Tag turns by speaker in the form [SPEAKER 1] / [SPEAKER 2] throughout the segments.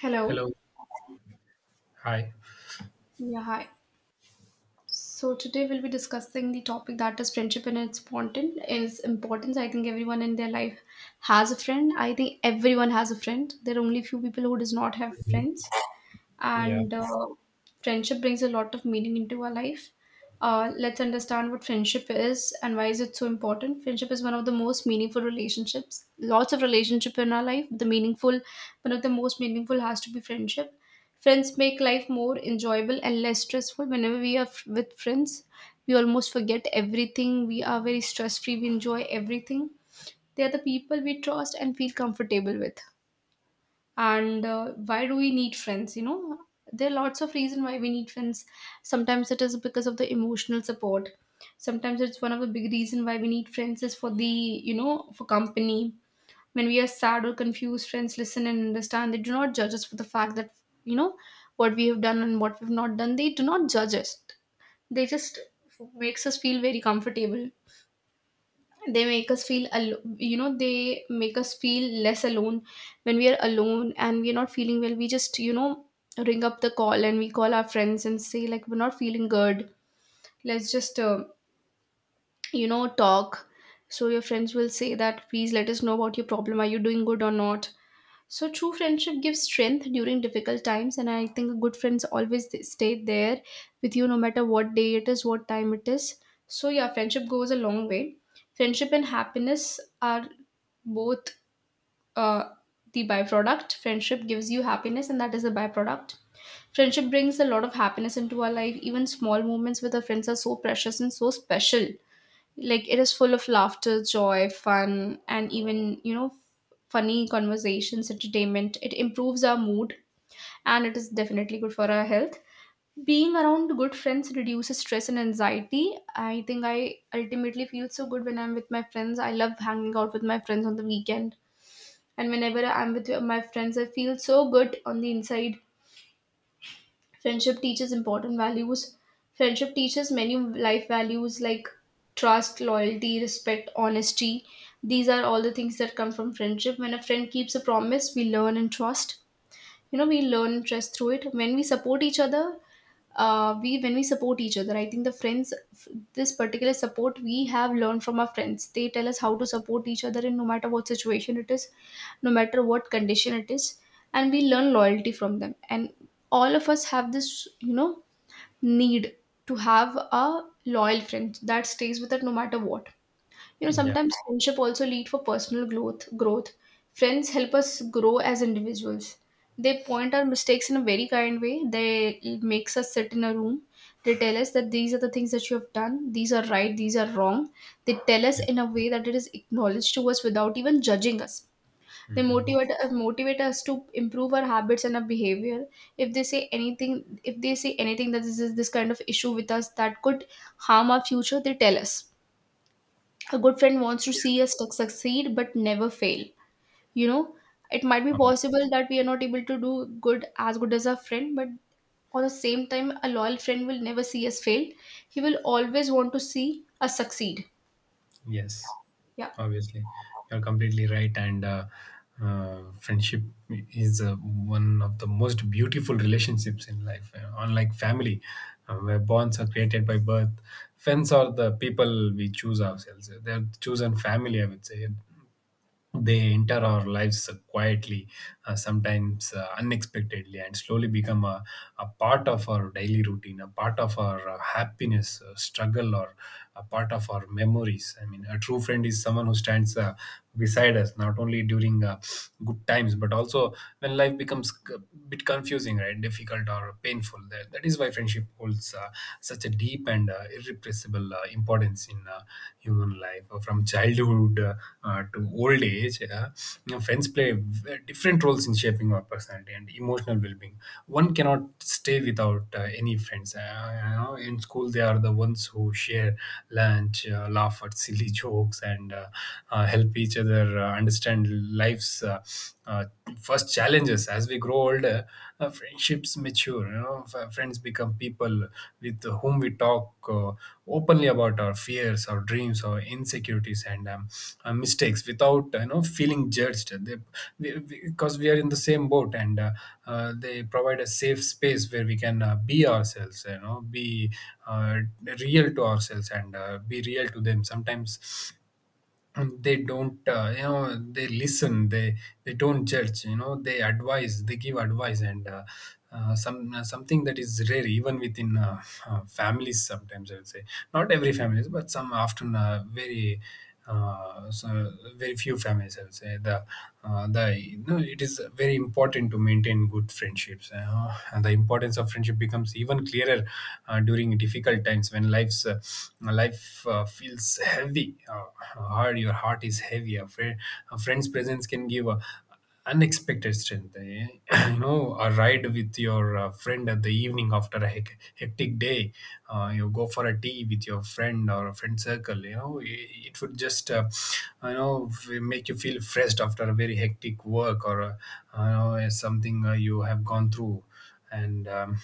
[SPEAKER 1] Hello.
[SPEAKER 2] Hello. Hi.
[SPEAKER 1] Yeah, hi. So today we'll be discussing the topic that is friendship and its importance. I think everyone in their life has a friend. I think everyone has a friend. There are only few people who does not have
[SPEAKER 2] Mhm.
[SPEAKER 1] friends.
[SPEAKER 2] Yeah.
[SPEAKER 1] And friendship brings a lot of meaning into our life. Let's understand what friendship is and why is it so important. Friendship is one of the most meaningful relationships. Lots of relationship in our life. One of the most meaningful has to be friendship. Friends make life more enjoyable and less stressful. Whenever we are with friends, we almost forget everything. We are very stress free. We enjoy everything. They are the people we trust and feel comfortable with. And why do we need friends? There are lots of reason why we need friends. Sometimes it is because of the emotional support. Sometimes it's one of the big reason why we need friends is for the, for company. When we are sad or confused, friends listen and understand. They do not judge us for the fact that, you know what we have done and what we've not done. They do not judge us. They just makes us feel very comfortable. They make us feel less alone. When we are alone and we're not feeling well, we just, ring up the call and we call our friends and say like, we're not feeling good, let's just, talk. So your friends will say that, please let us know about your problem, are you doing good or not. So true friendship gives strength during difficult times, and I think good friends always stay there with you no matter what day it is, what time it is. So yeah, friendship goes a long way. Friendship and happiness are both, uh, the byproduct. Friendship gives you happiness, and that is the byproduct. Friendship brings a lot of happiness into our life. Even small moments with our friends are so precious and so special, like it is full of laughter, joy, fun, and even, funny conversations, entertainment. It improves our mood, and it is definitely good for our health. Being around good friends reduces stress and anxiety. I think I ultimately feel so good when I'm with my friends. I love hanging out with my friends on the weekend, and whenever I'm with my friends, I feel so good on the inside. Friendship teaches important values. Friendship teaches many life values like trust, loyalty, respect, honesty. These are all the things that come from friendship. When a friend keeps a promise, we learn and trust. We learn and trust through it. When we support each other, we when we support each other, I think the this particular support, we have learned from our friends. They tell us how to support each other in, no matter what situation it is, no matter what condition it is. And we learn loyalty from them, and all of us have this, need to have a loyal friend that stays with us no matter what. you know,
[SPEAKER 2] Yeah.
[SPEAKER 1] sometimes friendship also lead for personal growth. Growth. Friends help us grow as individuals. They point our mistakes in a very kind way. They It makes us sit in a room. They tell us that these are the things that you have done. These are right. These are wrong. They tell us
[SPEAKER 2] Yeah.
[SPEAKER 1] in a way that it is acknowledged to us without even judging us. They
[SPEAKER 2] hmm
[SPEAKER 1] motivate us to improve our habits and our behavior. If they say anything that this is this kind of issue with us that could harm our future, they tell us a good friend wants to
[SPEAKER 2] Yeah.
[SPEAKER 1] see us succeed but never fail. you know it might be
[SPEAKER 2] Obviously.
[SPEAKER 1] possible that we are not able to do good as our friend, but on the same time, a loyal friend will never see us fail. He will always want to see us succeed.
[SPEAKER 2] Yes.
[SPEAKER 1] Yeah.
[SPEAKER 2] Obviously. You're completely right. And friendship is one of the most beautiful relationships in life. Unlike family, where bonds are created by birth, friends are the people we choose ourselves. They're chosen family, I would say. They enter our lives quietly, sometimes unexpectedly, and slowly become a part of our daily routine, a part of our happiness, struggle, or a part of our memories. I mean, a true friend is someone who stands beside us, not only during good times, but also when life becomes a bit confusing, right, difficult, or painful. That, is why friendship holds such a deep and irrepressible importance in human life. From childhood to old age, you know, friends play different roles in shaping our personality and emotional well-being. One cannot stay without any friends. You know, in school they are the ones who share lunch, laugh at silly jokes and help each other understand life's uh, first challenges. As we grow older, friendships mature. You know, friends become people with whom we talk uh, openly about our fears, our dreams, our insecurities, and mistakes without, you know, feeling judged. We, because we are in the same boat, and they provide a safe space where we can be ourselves. You know, be uh, real to ourselves and be real to them. Sometimes they don't you know, they listen, they don't judge. You know, they give advice, and something that is rare even within families sometimes, I would say. Not every families, but some. Often very very few families, I would say. The you know, it is very important to maintain good friendships, you know, and the importance of friendship becomes even clearer during difficult times when life feels heavy, hard, your heart is heavy. A friend's presence can give a unexpected strength, eh? You know, a ride with your friend at the evening after a hectic day, you go for a tea with your friend or a friend circle, you know, it would just you know, make you feel fresh after a very hectic work or you know something you have gone through. And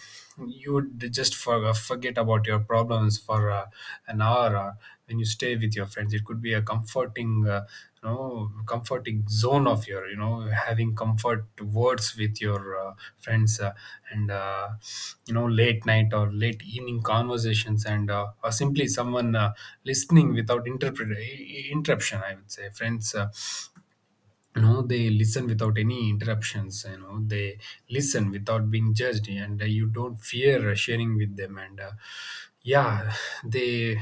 [SPEAKER 2] you would just forget about your problems for an hour. When you stay with your friends, it could be a comforting you know, comforting zone of your, you know, having comfort words with your friends, and you know, late night or late evening conversations, and or simply someone listening without interruption. I would say friends, you know, they listen without any interruptions. You know, they listen without being judged, and you don't fear sharing with them. And yeah, they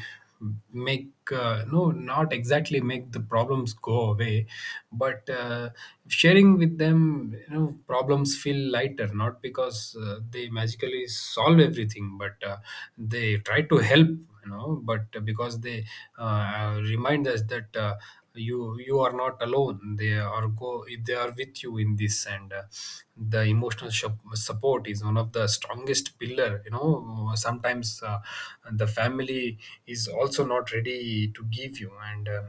[SPEAKER 2] make no, not exactly make the problems go away, but sharing with them, you know, problems feel lighter, not because they magically solve everything, but they try to help, you know, but because they remind us that you, you are not alone. They are with you in this. And the emotional support is one of the strongest pillar. You know, sometimes the family is also not ready to give you. And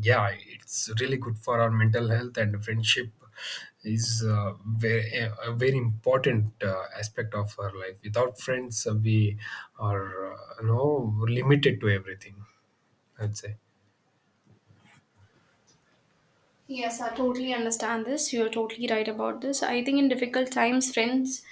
[SPEAKER 2] yeah, it's really good for our mental health. And friendship is a very important aspect of our life. Without friends, we are, you know, limited to everything, I'd say.
[SPEAKER 1] Yes, I totally understand this. You're totally right about this. I think in difficult times, friends,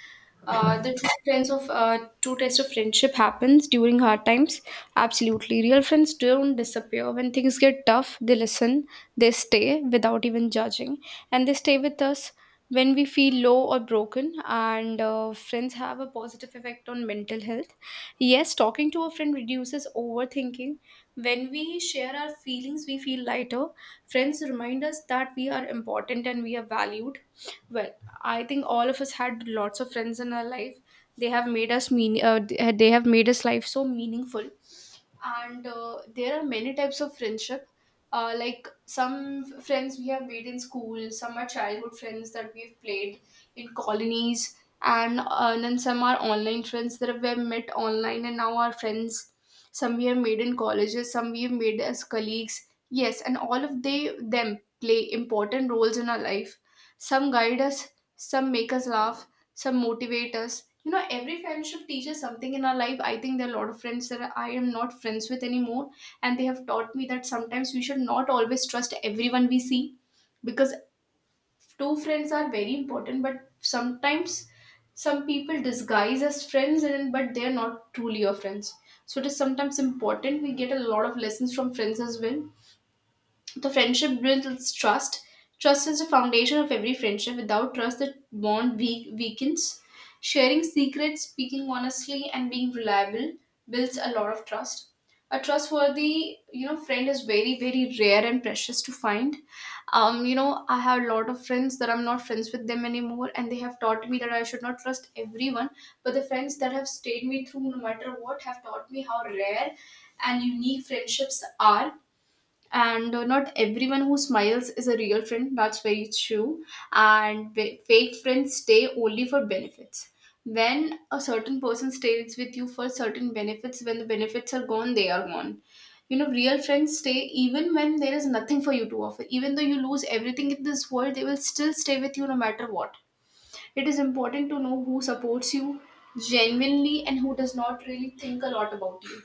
[SPEAKER 1] the true friends of true test of friendship happens during hard times. Absolutely, real friends don't disappear when things get tough. They listen, they stay without even judging, and they stay with us when we feel low or broken. And friends have a positive effect on mental health. Yes, talking to a friend reduces overthinking. When we share our feelings, we feel lighter. Friends remind us that we are important and we are valued. Well, I think all of us had lots of friends in our life. They have made us life so meaningful. And there are many types of friendship. Like some friends we have made in school, some are childhood friends that we've played in colonies, and then some are online friends that we have met online and now are friends. Some we have made in colleges, some we have made as colleagues. Yes, and all of they them play important roles in our life. Some guide us, some make us laugh, some motivate us. Every friendship teaches something in our life. I think there are a lot of friends that I am not friends with anymore, and they have taught me that sometimes we should not always trust everyone we see. Because two friends are very important, but sometimes some people disguise as friends, and but they're not truly your friends. So it is sometimes important, we get a lot of lessons from friends as well. The friendship builds trust. Trust is the foundation of every friendship. Without trust, the bond weakens. Sharing secrets, speaking honestly, and being reliable builds a lot of trust. A trustworthy, friend is very, very rare and precious to find. I have a lot of friends that I'm not friends with them anymore, and they have taught me that I should not trust everyone. But the friends that have stayed me through, no matter what, have taught me how rare and unique friendships are. And not everyone who smiles is a real friend. That's very true. And fake friends stay only for benefits. When a certain person stays with you for certain benefits, when the benefits are gone, they are gone. Real friends stay even when there is nothing for you to offer. Even though you lose everything in this world, they will still stay with you no matter what. It is important to know who supports you genuinely and who does not really think a lot about you.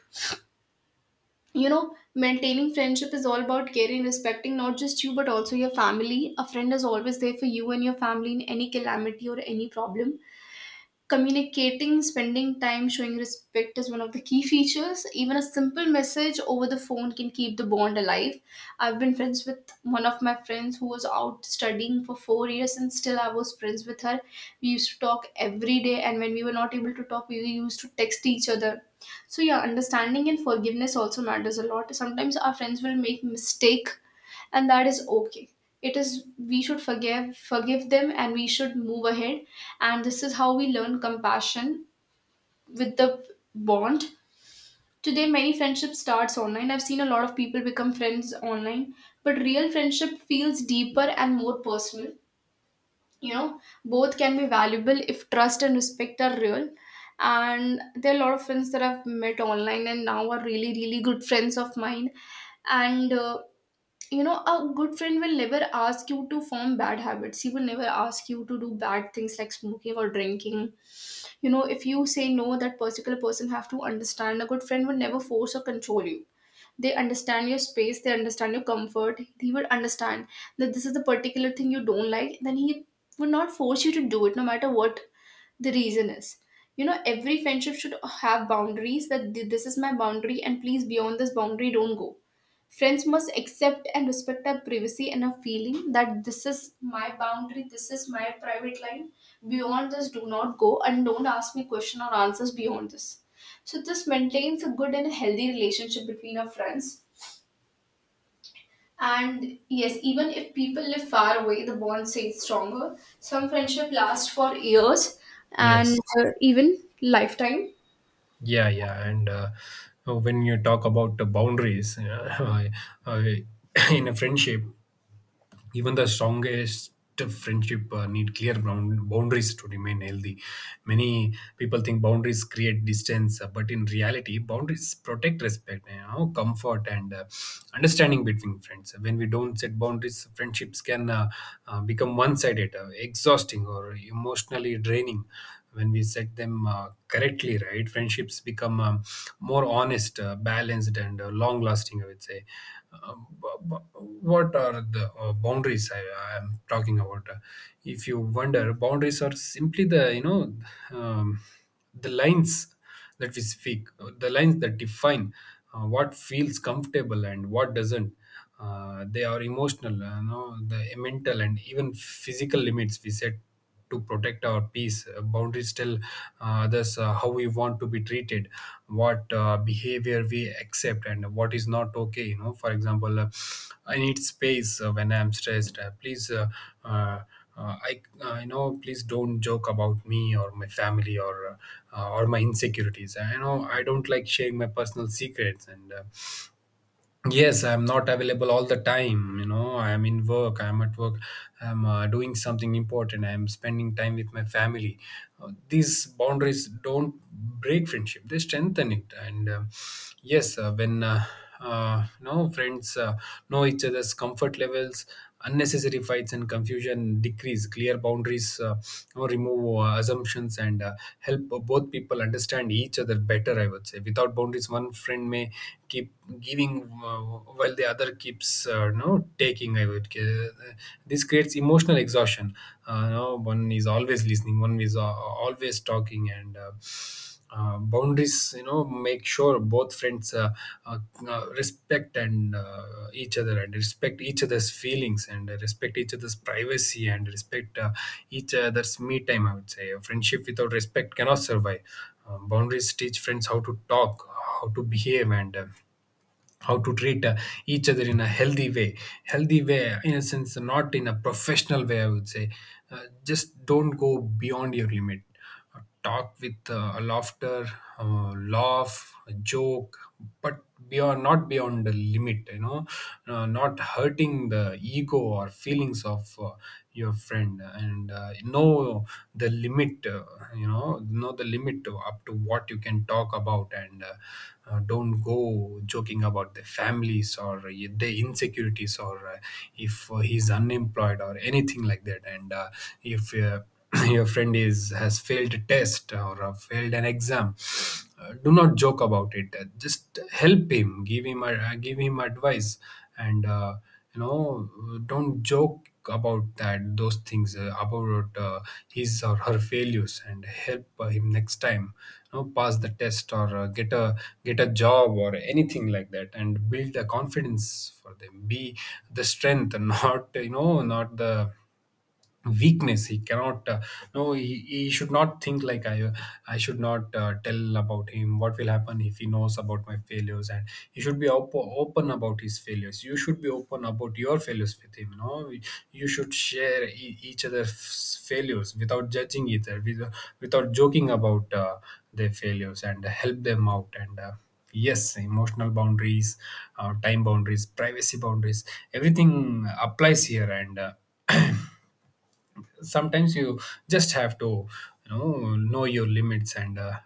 [SPEAKER 1] You know Maintaining friendship is all about caring, respecting not just you but also your family. A friend is always there for you and your family in any calamity or any problem. Communicating, spending time, showing respect is one of the key features. Even a simple message over the phone can keep the bond alive. I've been friends with one of my friends who was out studying for 4 years and still I was friends with her. We used to talk every day, and when we were not able to talk, we used to text each other. So, yeah, understanding and forgiveness also matters a lot. Sometimes our friends will make mistake, and that is okay. it is We should forgive them and we should move ahead, and this is how we learn compassion with the bond. Today many friendships starts online. I've seen a lot of people become friends online, but real friendship feels deeper and more personal. Both can be valuable if trust and respect are real, and there are a lot of friends that I've met online and now are really really good friends of mine. And a good friend will never ask you to form bad habits. He will never ask you to do bad things like smoking or drinking. If you say no, that particular person have to understand, a good friend will never force or control you. They understand your space, they understand your comfort. He will understand that this is the particular thing you don't like, then he would not force you to do it no matter what. The reason is, every friendship should have boundaries, this is my boundary, and please, beyond this boundary, don't go. Friends must accept and respect our privacy and our feeling, that this is my boundary, this is my private line. Beyond this, do not go and don't ask me question or answers beyond this. So this maintains a good and healthy relationship between our friends. And yes, even if people live far away, the bond stays stronger. Some friendship lasts for years and
[SPEAKER 2] Yes.
[SPEAKER 1] even lifetime.
[SPEAKER 2] Yeah, yeah, and when you talk about the boundaries, uh, in a friendship, even the strongest friendship need clear boundaries to remain healthy. Many people think boundaries create distance, but in reality, boundaries protect respect, you know, comfort, and understanding between friends. When we don't set boundaries, friendships can become one-sided, exhausting, or emotionally draining. When we set them correctly, right, friendships become more honest, balanced and long lasting, I would say. um, bu- bu- what are the boundaries I am talking about? If you wonder, boundaries are simply the, you know, um, the lines that we speak, the lines that define what feels comfortable and what doesn't. They are emotional, you know, the mental and even physical limits we set to protect our peace. Boundaries tell others how we want to be treated, what behavior we accept, and what is not okay. You know, for example, I need space when I am stressed. Please. Uh, I know, please don't joke about me or my family or my insecurities. I know I don't like sharing my personal secrets. And yes, I'm not available all the time. You know, I'm at work, I'm doing something important, I'm spending time with my family. These boundaries don't break friendship, they strengthen it. And yes, when you know, friends know each other's comfort levels, unnecessary fights and confusion decrease. Clear boundaries, you know, remove assumptions and help both people understand each other better, I would say. Without boundaries, one friend may keep giving, uh, while the other keeps no taking, this creates emotional exhaustion. No One is always listening, one is always talking. And boundaries, you know, make sure both friends uh, respect and each other, and respect each other's feelings, and respect each other's privacy, and respect each other's me time, I would say. A friendship without respect cannot survive. Boundaries teach friends how to talk, how to behave, and how to treat each other in a healthy way. Healthy way in a sense, not in a professional way, I would say. Just don't go beyond your limit. Uh, talk with a laughter, uh, laugh, a joke, but beyond not beyond the limit, you know. Not hurting the ego or feelings of your friend. And know the limit. You know the limit up to what you can talk about. And don't go joking about the families or the insecurities or if he's unemployed or anything like that. And if your friend is has failed a test or failed an exam, do not joke about it. Just help him, give him advice. And you know, don't joke about that, those things about his or her failures, and help him next time, you know, pass the test or get a, get a job or anything like that. And build the confidence for them, be the strength, not, you know, not the weakness. He cannot, no he, he should not think like, I should not tell about him, what will happen if he knows about my failures? And he should be open about his failures. You should be open about your failures with him, you know. You should share each other's failures without judging, either without, without joking about their failures, and help them out. And yes, emotional boundaries, time boundaries, privacy boundaries, everything applies here. And sometimes you just have to, you know your limits. And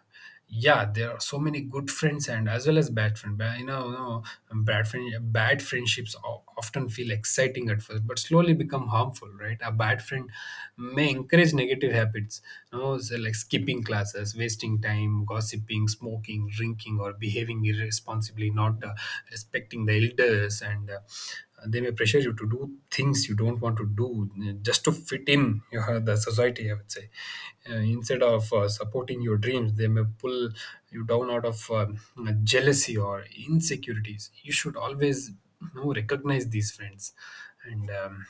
[SPEAKER 2] yeah, there are so many good friends and as well as bad friends. You know, you know, bad friendships often feel exciting at first but slowly become harmful, right? A bad friend may encourage negative habits, you know, so like skipping classes, wasting time, gossiping, smoking, drinking, or behaving irresponsibly, not respecting the elders. And they may pressure you to do things you don't want to do, just to fit in the society, I would say. Instead of supporting your dreams, they may pull you down out of jealousy or insecurities. You should always, you know, recognize these friends. And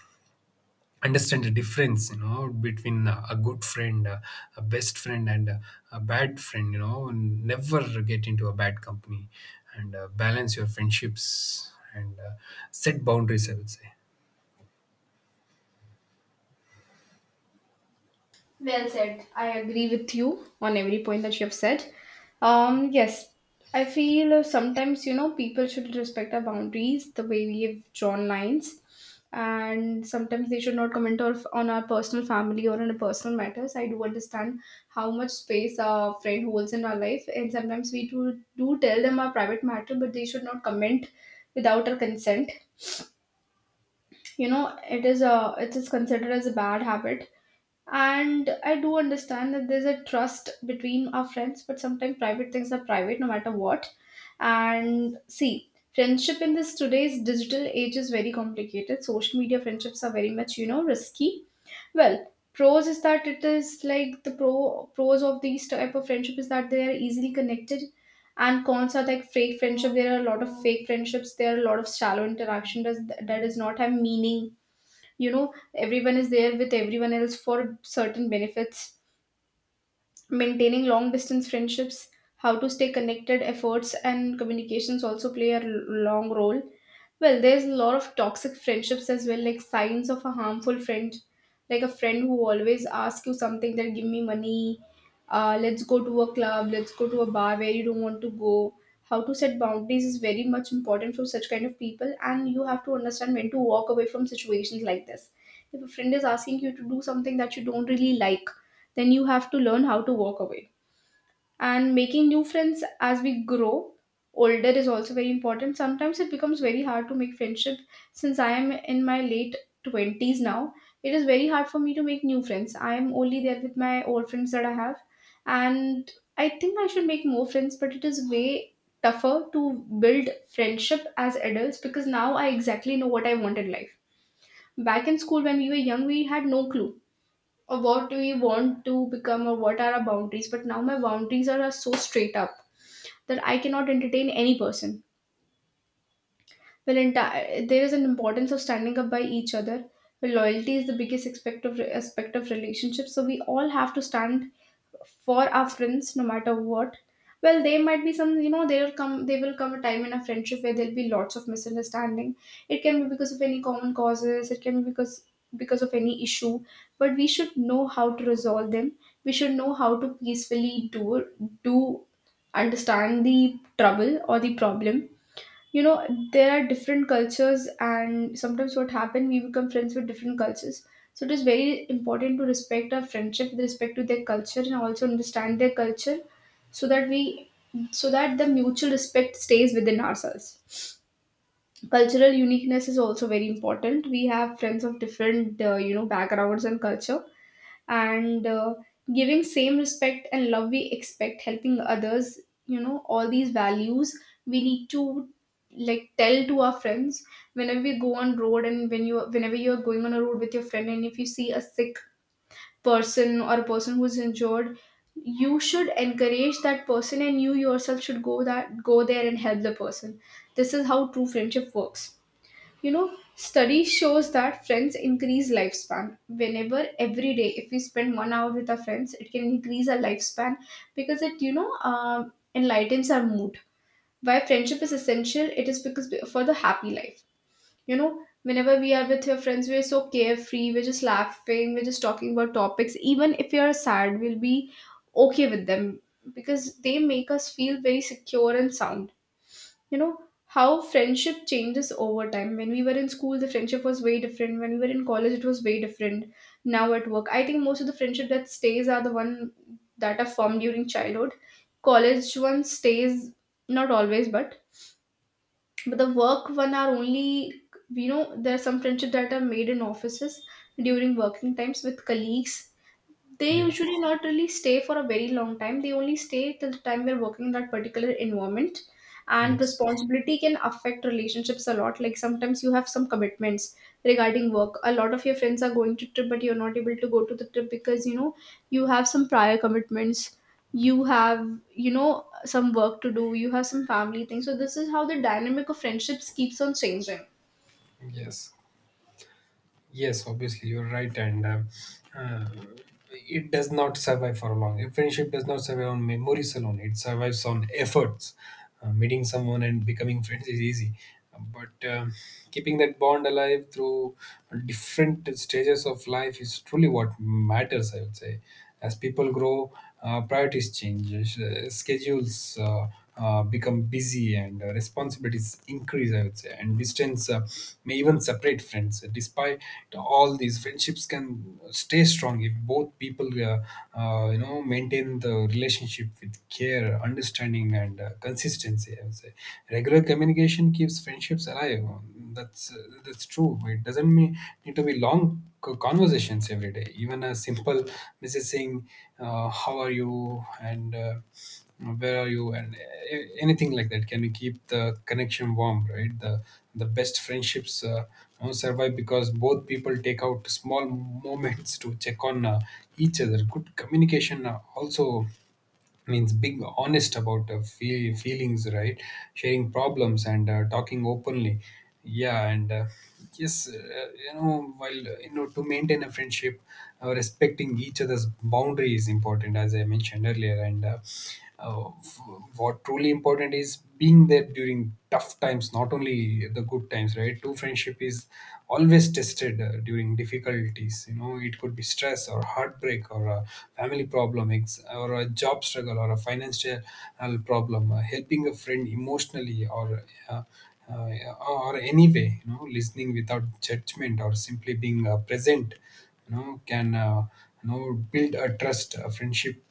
[SPEAKER 2] understand the difference, you know, between a good friend, a best friend and a bad friend, you know, and never get into a bad company. And balance your friendships. And set boundaries, I would say.
[SPEAKER 1] Well said. I agree with you on every point that you have said. Yes, I feel sometimes you know people should respect our boundaries, the way we have drawn lines, and sometimes they should not comment or on our personal family or on our personal matters. I do understand how much space our friend holds in our life, and sometimes we do tell them our private matter, but they should not comment without our consent. You know, it is considered as a bad habit, and I do understand that there's a trust between our friends, but sometimes private things are private no matter what. And see, friendship in this today's digital age is very complicated. Social media friendships are very much, you know, risky. Well, pros is that it is like the pros of these type of friendship is that they are easily connected. And cons are like fake friendship. There are a lot of fake friendships. There are a lot of shallow interaction does that does not have meaning. You know, everyone is there with everyone else for certain benefits. Maintaining long distance friendships, how to stay connected, efforts and communications also play a long role. Well, there's a lot of toxic friendships as well, like signs of a harmful friend, like a friend who always asks you something, that give me money, let's go to a club, let's go to a bar where you don't want to go. How to set boundaries is very much important for such kind of people, and you have to understand when to walk away from situations like this. If a friend is asking you to do something that you don't really like, then you have to learn how to walk away. And making new friends as we grow older is also very important. Sometimes it becomes very hard to make friendship since I am in my late 20s now. It is very hard for me to make new friends. I am only there with my old friends that I have. And I think I should make more friends, but it is way tougher to build friendship as adults, because now I exactly know what I want in life. Back in school, when we were young, we had no clue or what do you want to become or what are our boundaries, but now my boundaries are so straight up that I cannot entertain any person. Well, entire there is an importance of standing up by each other. Well, loyalty is the biggest aspect of relationships, so we all have to stand for our friends no matter what. Well, there might be some, you know, there will come a time in a friendship where there'll be lots of misunderstanding. It can be because of any common causes, it can be because of any issue, but we should know how to resolve them. We should know how to peacefully do understand the trouble or the problem, you know. There are different cultures, and sometimes what happen, we become friends with different cultures, so it is very important to respect our friendship with respect to their culture, and also understand their culture, so that we so that the mutual respect stays within ourselves. Cultural uniqueness is also very important. We have friends of different you know, backgrounds and culture, and giving same respect and love we expect, helping others, you know, all these values we need to like tell to our friends. Whenever we go on road, and whenever you're going on a road with your friend, and if you see a sick person or a person who's injured, you should encourage that person, and you yourself should go there and help the person. This is how true friendship works. You know, study shows that friends increase lifespan. Whenever every day, if we spend 1 hour with our friends, it can increase our lifespan, because it, you know, enlightens our mood. Why friendship is essential? It is because for the happy life. You know, whenever we are with your friends, we are so carefree. We're just laughing, we're just talking about topics. Even if we are sad, we'll be okay with them, because they make us feel very secure and sound, you know. How friendship changes over time: when we were in school, the friendship was way different; when we were in college, it was way different. Now at work, I think most of the friendship that stays are the one that are formed during childhood. College one stays, not always, but the work one are only, you know, there are some friendship that are made in offices during working times with colleagues. They
[SPEAKER 2] Yeah,
[SPEAKER 1] usually not really stay for a very long time, they only stay till the time they're working in that particular environment. And
[SPEAKER 2] yes,
[SPEAKER 1] responsibility can affect relationships a lot, like sometimes you have some commitments regarding work, a lot of your friends are going to trip, but you're not able to go to the trip because, you know, you have some prior commitments, you have, you know, some work to do, you have some family things. So this is how the dynamic of friendships keeps on changing.
[SPEAKER 2] yes, yes, obviously you're right. And uh, it does not survive for long. A friendship does not survive on memories alone, it survives on efforts. Meeting someone and becoming friends is easy, but keeping that bond alive through different stages of life is truly what matters, I would say. As people grow, priorities change, schedules become busy, and responsibilities increase, I would say, and distance may even separate friends. Despite all these, friendships can stay strong if both people, maintain the relationship with care, understanding, and consistency. I would say regular communication keeps friendships alive. That's true. It doesn't mean need to be long conversations every day. Even a simple message saying, "How are you?" and "Where are you?" and anything like that can keep the connection warm, right? The best friendships, survive because both people take out small moments to check on each other. Good communication also means being honest about feelings, right? Sharing problems and talking openly, yeah. and yes You know, while, to maintain a friendship, respecting each other's boundary is important, as I mentioned earlier. Uh, f- what truly important is being there during tough times, not only the good times, right? True friendship is always tested during difficulties. You know, it could be stress or heartbreak or a family problem, or a job struggle or a financial problem. Helping a friend emotionally, uh, or any way, you know, listening without judgment or simply being present, you know, can, build a trust, a friendship,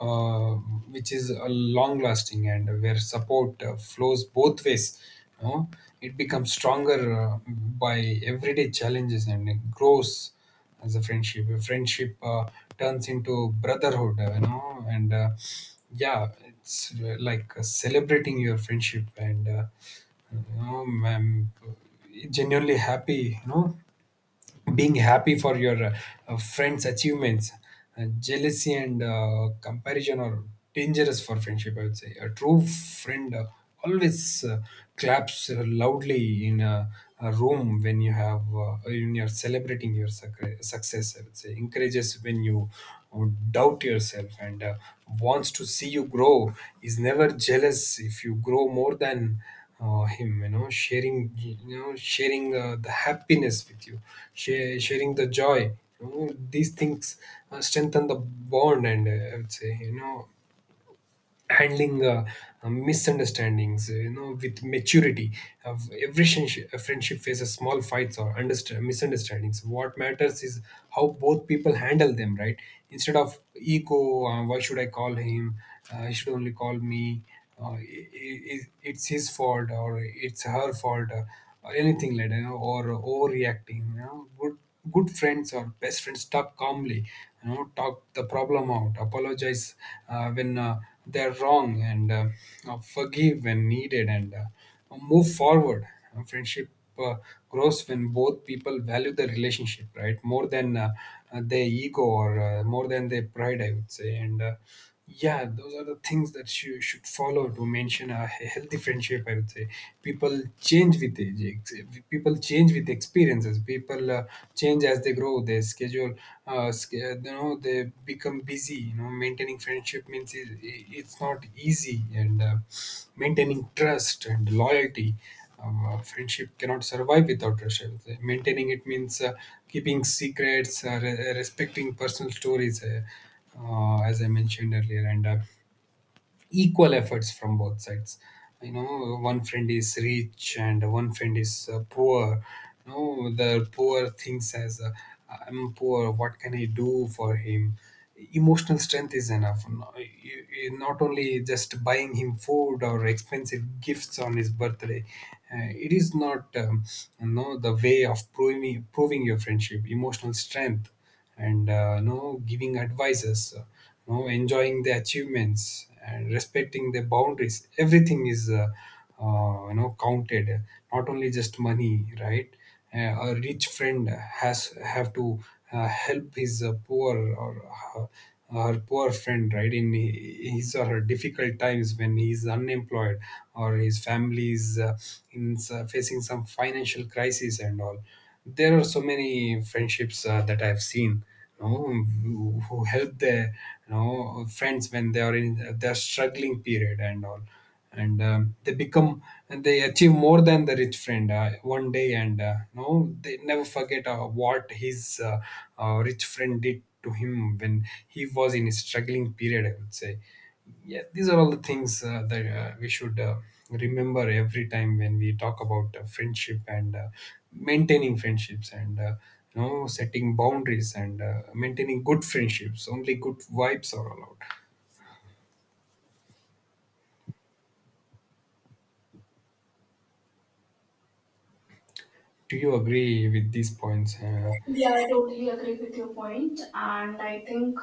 [SPEAKER 2] uh, which is a long lasting, and where support flows both ways, you know? It becomes stronger by everyday challenges, and it grows as a friendship, turns into brotherhood, you know and yeah. It's like celebrating your friendship, and you know, I'm genuinely happy, you know, being happy for your friends' achievements. Jealousy and comparison are dangerous for friendship, I would say. A true friend always claps loudly in a room when you have, when you're celebrating your success, I would say. Encourages when you uh, doubt yourself, and wants to see you grow, is never jealous if you grow more than or him, you know, sharing the happiness with you, sharing the joy, you know. These things strengthen the bond, and I would say, you know, handling misunderstandings, you know, with maturity. Uh, every friendship faces small fights or misunderstandings. What matters is how both people handle them, right? Instead of ego, why should I call him, he should only call me, uh, I it's his fault, or it's her fault, or anything like that, you know, or overreacting, you know. Good good friends or best friends talk calmly, you know, talk the problem out, apologize when they're wrong, and forgive when needed, and move forward. Friendship uh, grows when both people value the relationship, right, more than their ego or more than their pride, I would say. And Yeah, those are the things that you should follow to maintain a healthy friendship, I would say. People change with age, people change with experiences, people change as they grow, their schedule you know, they become busy. You know, maintaining friendship means it's not easy. And Maintaining trust and loyalty, friendship cannot survive without trust, I would say. Maintaining it means keeping secrets, respecting personal stories, as I mentioned earlier, and equal efforts from both sides. You know, one friend is rich and one friend is poor. You know, the poor thinks as, I'm poor, what can I do for him? Emotional strength is enough. Not only just buying him food or expensive gifts on his birthday, it is not you know, the way of proving your friendship. Emotional strength, and you know, giving advices, you know, enjoying the achievements and respecting the boundaries. Everything is you know, counted. Not only just money, right? A rich friend has have to help his poor, or her poor friend, right? In his or her difficult times when he's unemployed, or his family is in facing some financial crisis and all. There are so many friendships that I've seen, you know, who help their, you know, friends when they are in their struggling period and all, and they become and they achieve more than the rich friend one day, and you know, they never forget what his rich friend did to him when he was in his struggling period, I would say. Yeah, these are all the things that we should remember every time when we talk about friendship and maintaining friendships and you know, setting boundaries, and maintaining good friendships, only good vibes are allowed. Do you agree with these points,
[SPEAKER 1] Yeah, I totally agree with your point, and I think,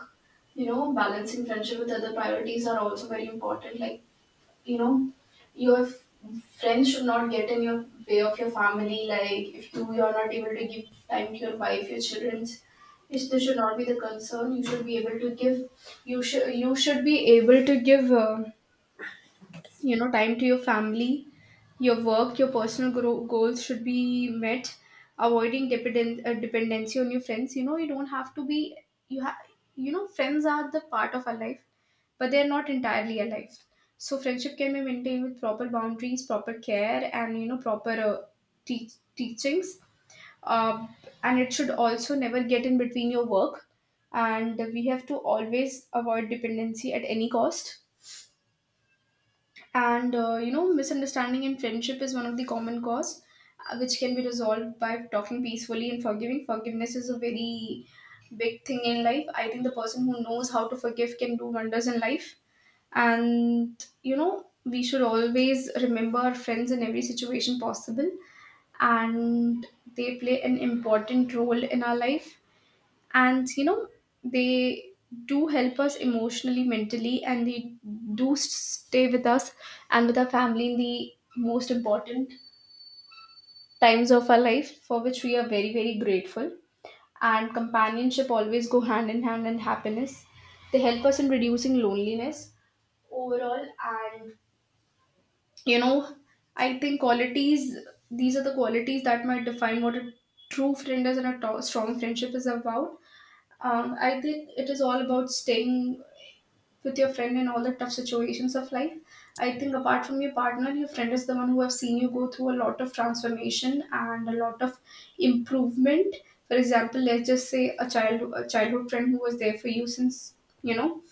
[SPEAKER 1] you know, balancing friendship with other priorities are also very important. Like, you know, your friends should not get in your way of your family. Like if you're not able to give time to your wife, your childrens, this should not be the concern. You should be able to give. You should be able to give. You know, time to your family, your work, your personal goals should be met. Avoiding dependency on your friends. You know, you don't have to be, you have, you know, friends are the part of our life, but they are not entirely our life. So friendship can be maintained with proper boundaries, proper care, and, you know, proper teachings, uh, and it should also never get in between your work. And we have to always avoid dependency at any cost. And you know, misunderstanding in friendship is one of the common cause, which can be resolved by talking peacefully and forgiving. Forgiveness is a very big thing in life. I think the person who knows how to forgive can do wonders in life. And you know, we should always remember our friends in every situation possible, and they play an important role in our life. And you know, they do help us emotionally, mentally, and they stay with us and with our family in the most important times of our life, for which we are very very grateful. And companionship always go hand in hand, and happiness, they help us in reducing loneliness overall. And you know, I think qualities, these are the qualities that might define what a true friend is, and a strong friendship is about. I think it is all about staying with your friend in all the tough situations of life. I think apart from your partner, your friend is the one who have seen you go through a lot of transformation and a lot of improvement. For example, let's just say a childhood friend who was there for you since, you know,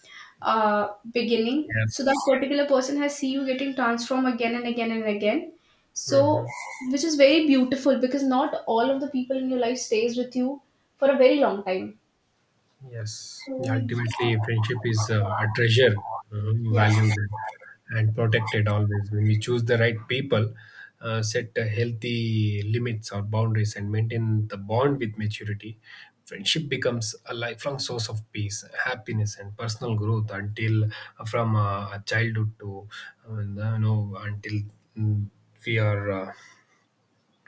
[SPEAKER 1] beginning. So that
[SPEAKER 2] yes?
[SPEAKER 1] particular person has seen you getting transformed again and again and again. So,
[SPEAKER 2] Hmm.
[SPEAKER 1] which is very beautiful, because not all of the people in your life stays with you for a very long time.
[SPEAKER 2] Yes, yeah, ultimately, friendship is a treasure,
[SPEAKER 1] Yeah.
[SPEAKER 2] valued and protected always. When we choose the right people, set healthy limits or boundaries, and maintain the bond with maturity, friendship becomes a lifelong source of peace, happiness, and personal growth, until from childhood to, until, mm, we are. Uh,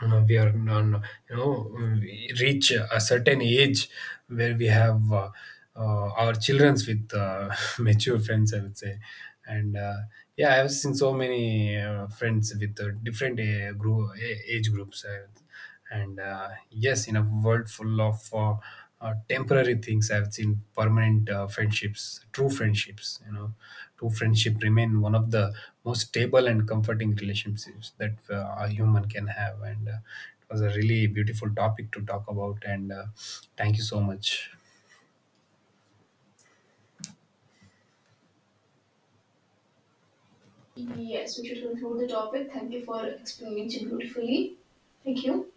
[SPEAKER 2] uh, We are non, you know, we reach a certain age where we have our childrens with mature friends, I would say. And yeah, I have seen so many friends with different age groups, and yes, in a world full of temporary things, I've seen permanent friendships, true friendships, you know, true friendship remain one of the most stable and comforting relationships that a human can have, and it was a really beautiful topic to talk about, and thank you so much.
[SPEAKER 1] Yes, we should conclude the topic. Thank you for explaining so beautifully. Thank you.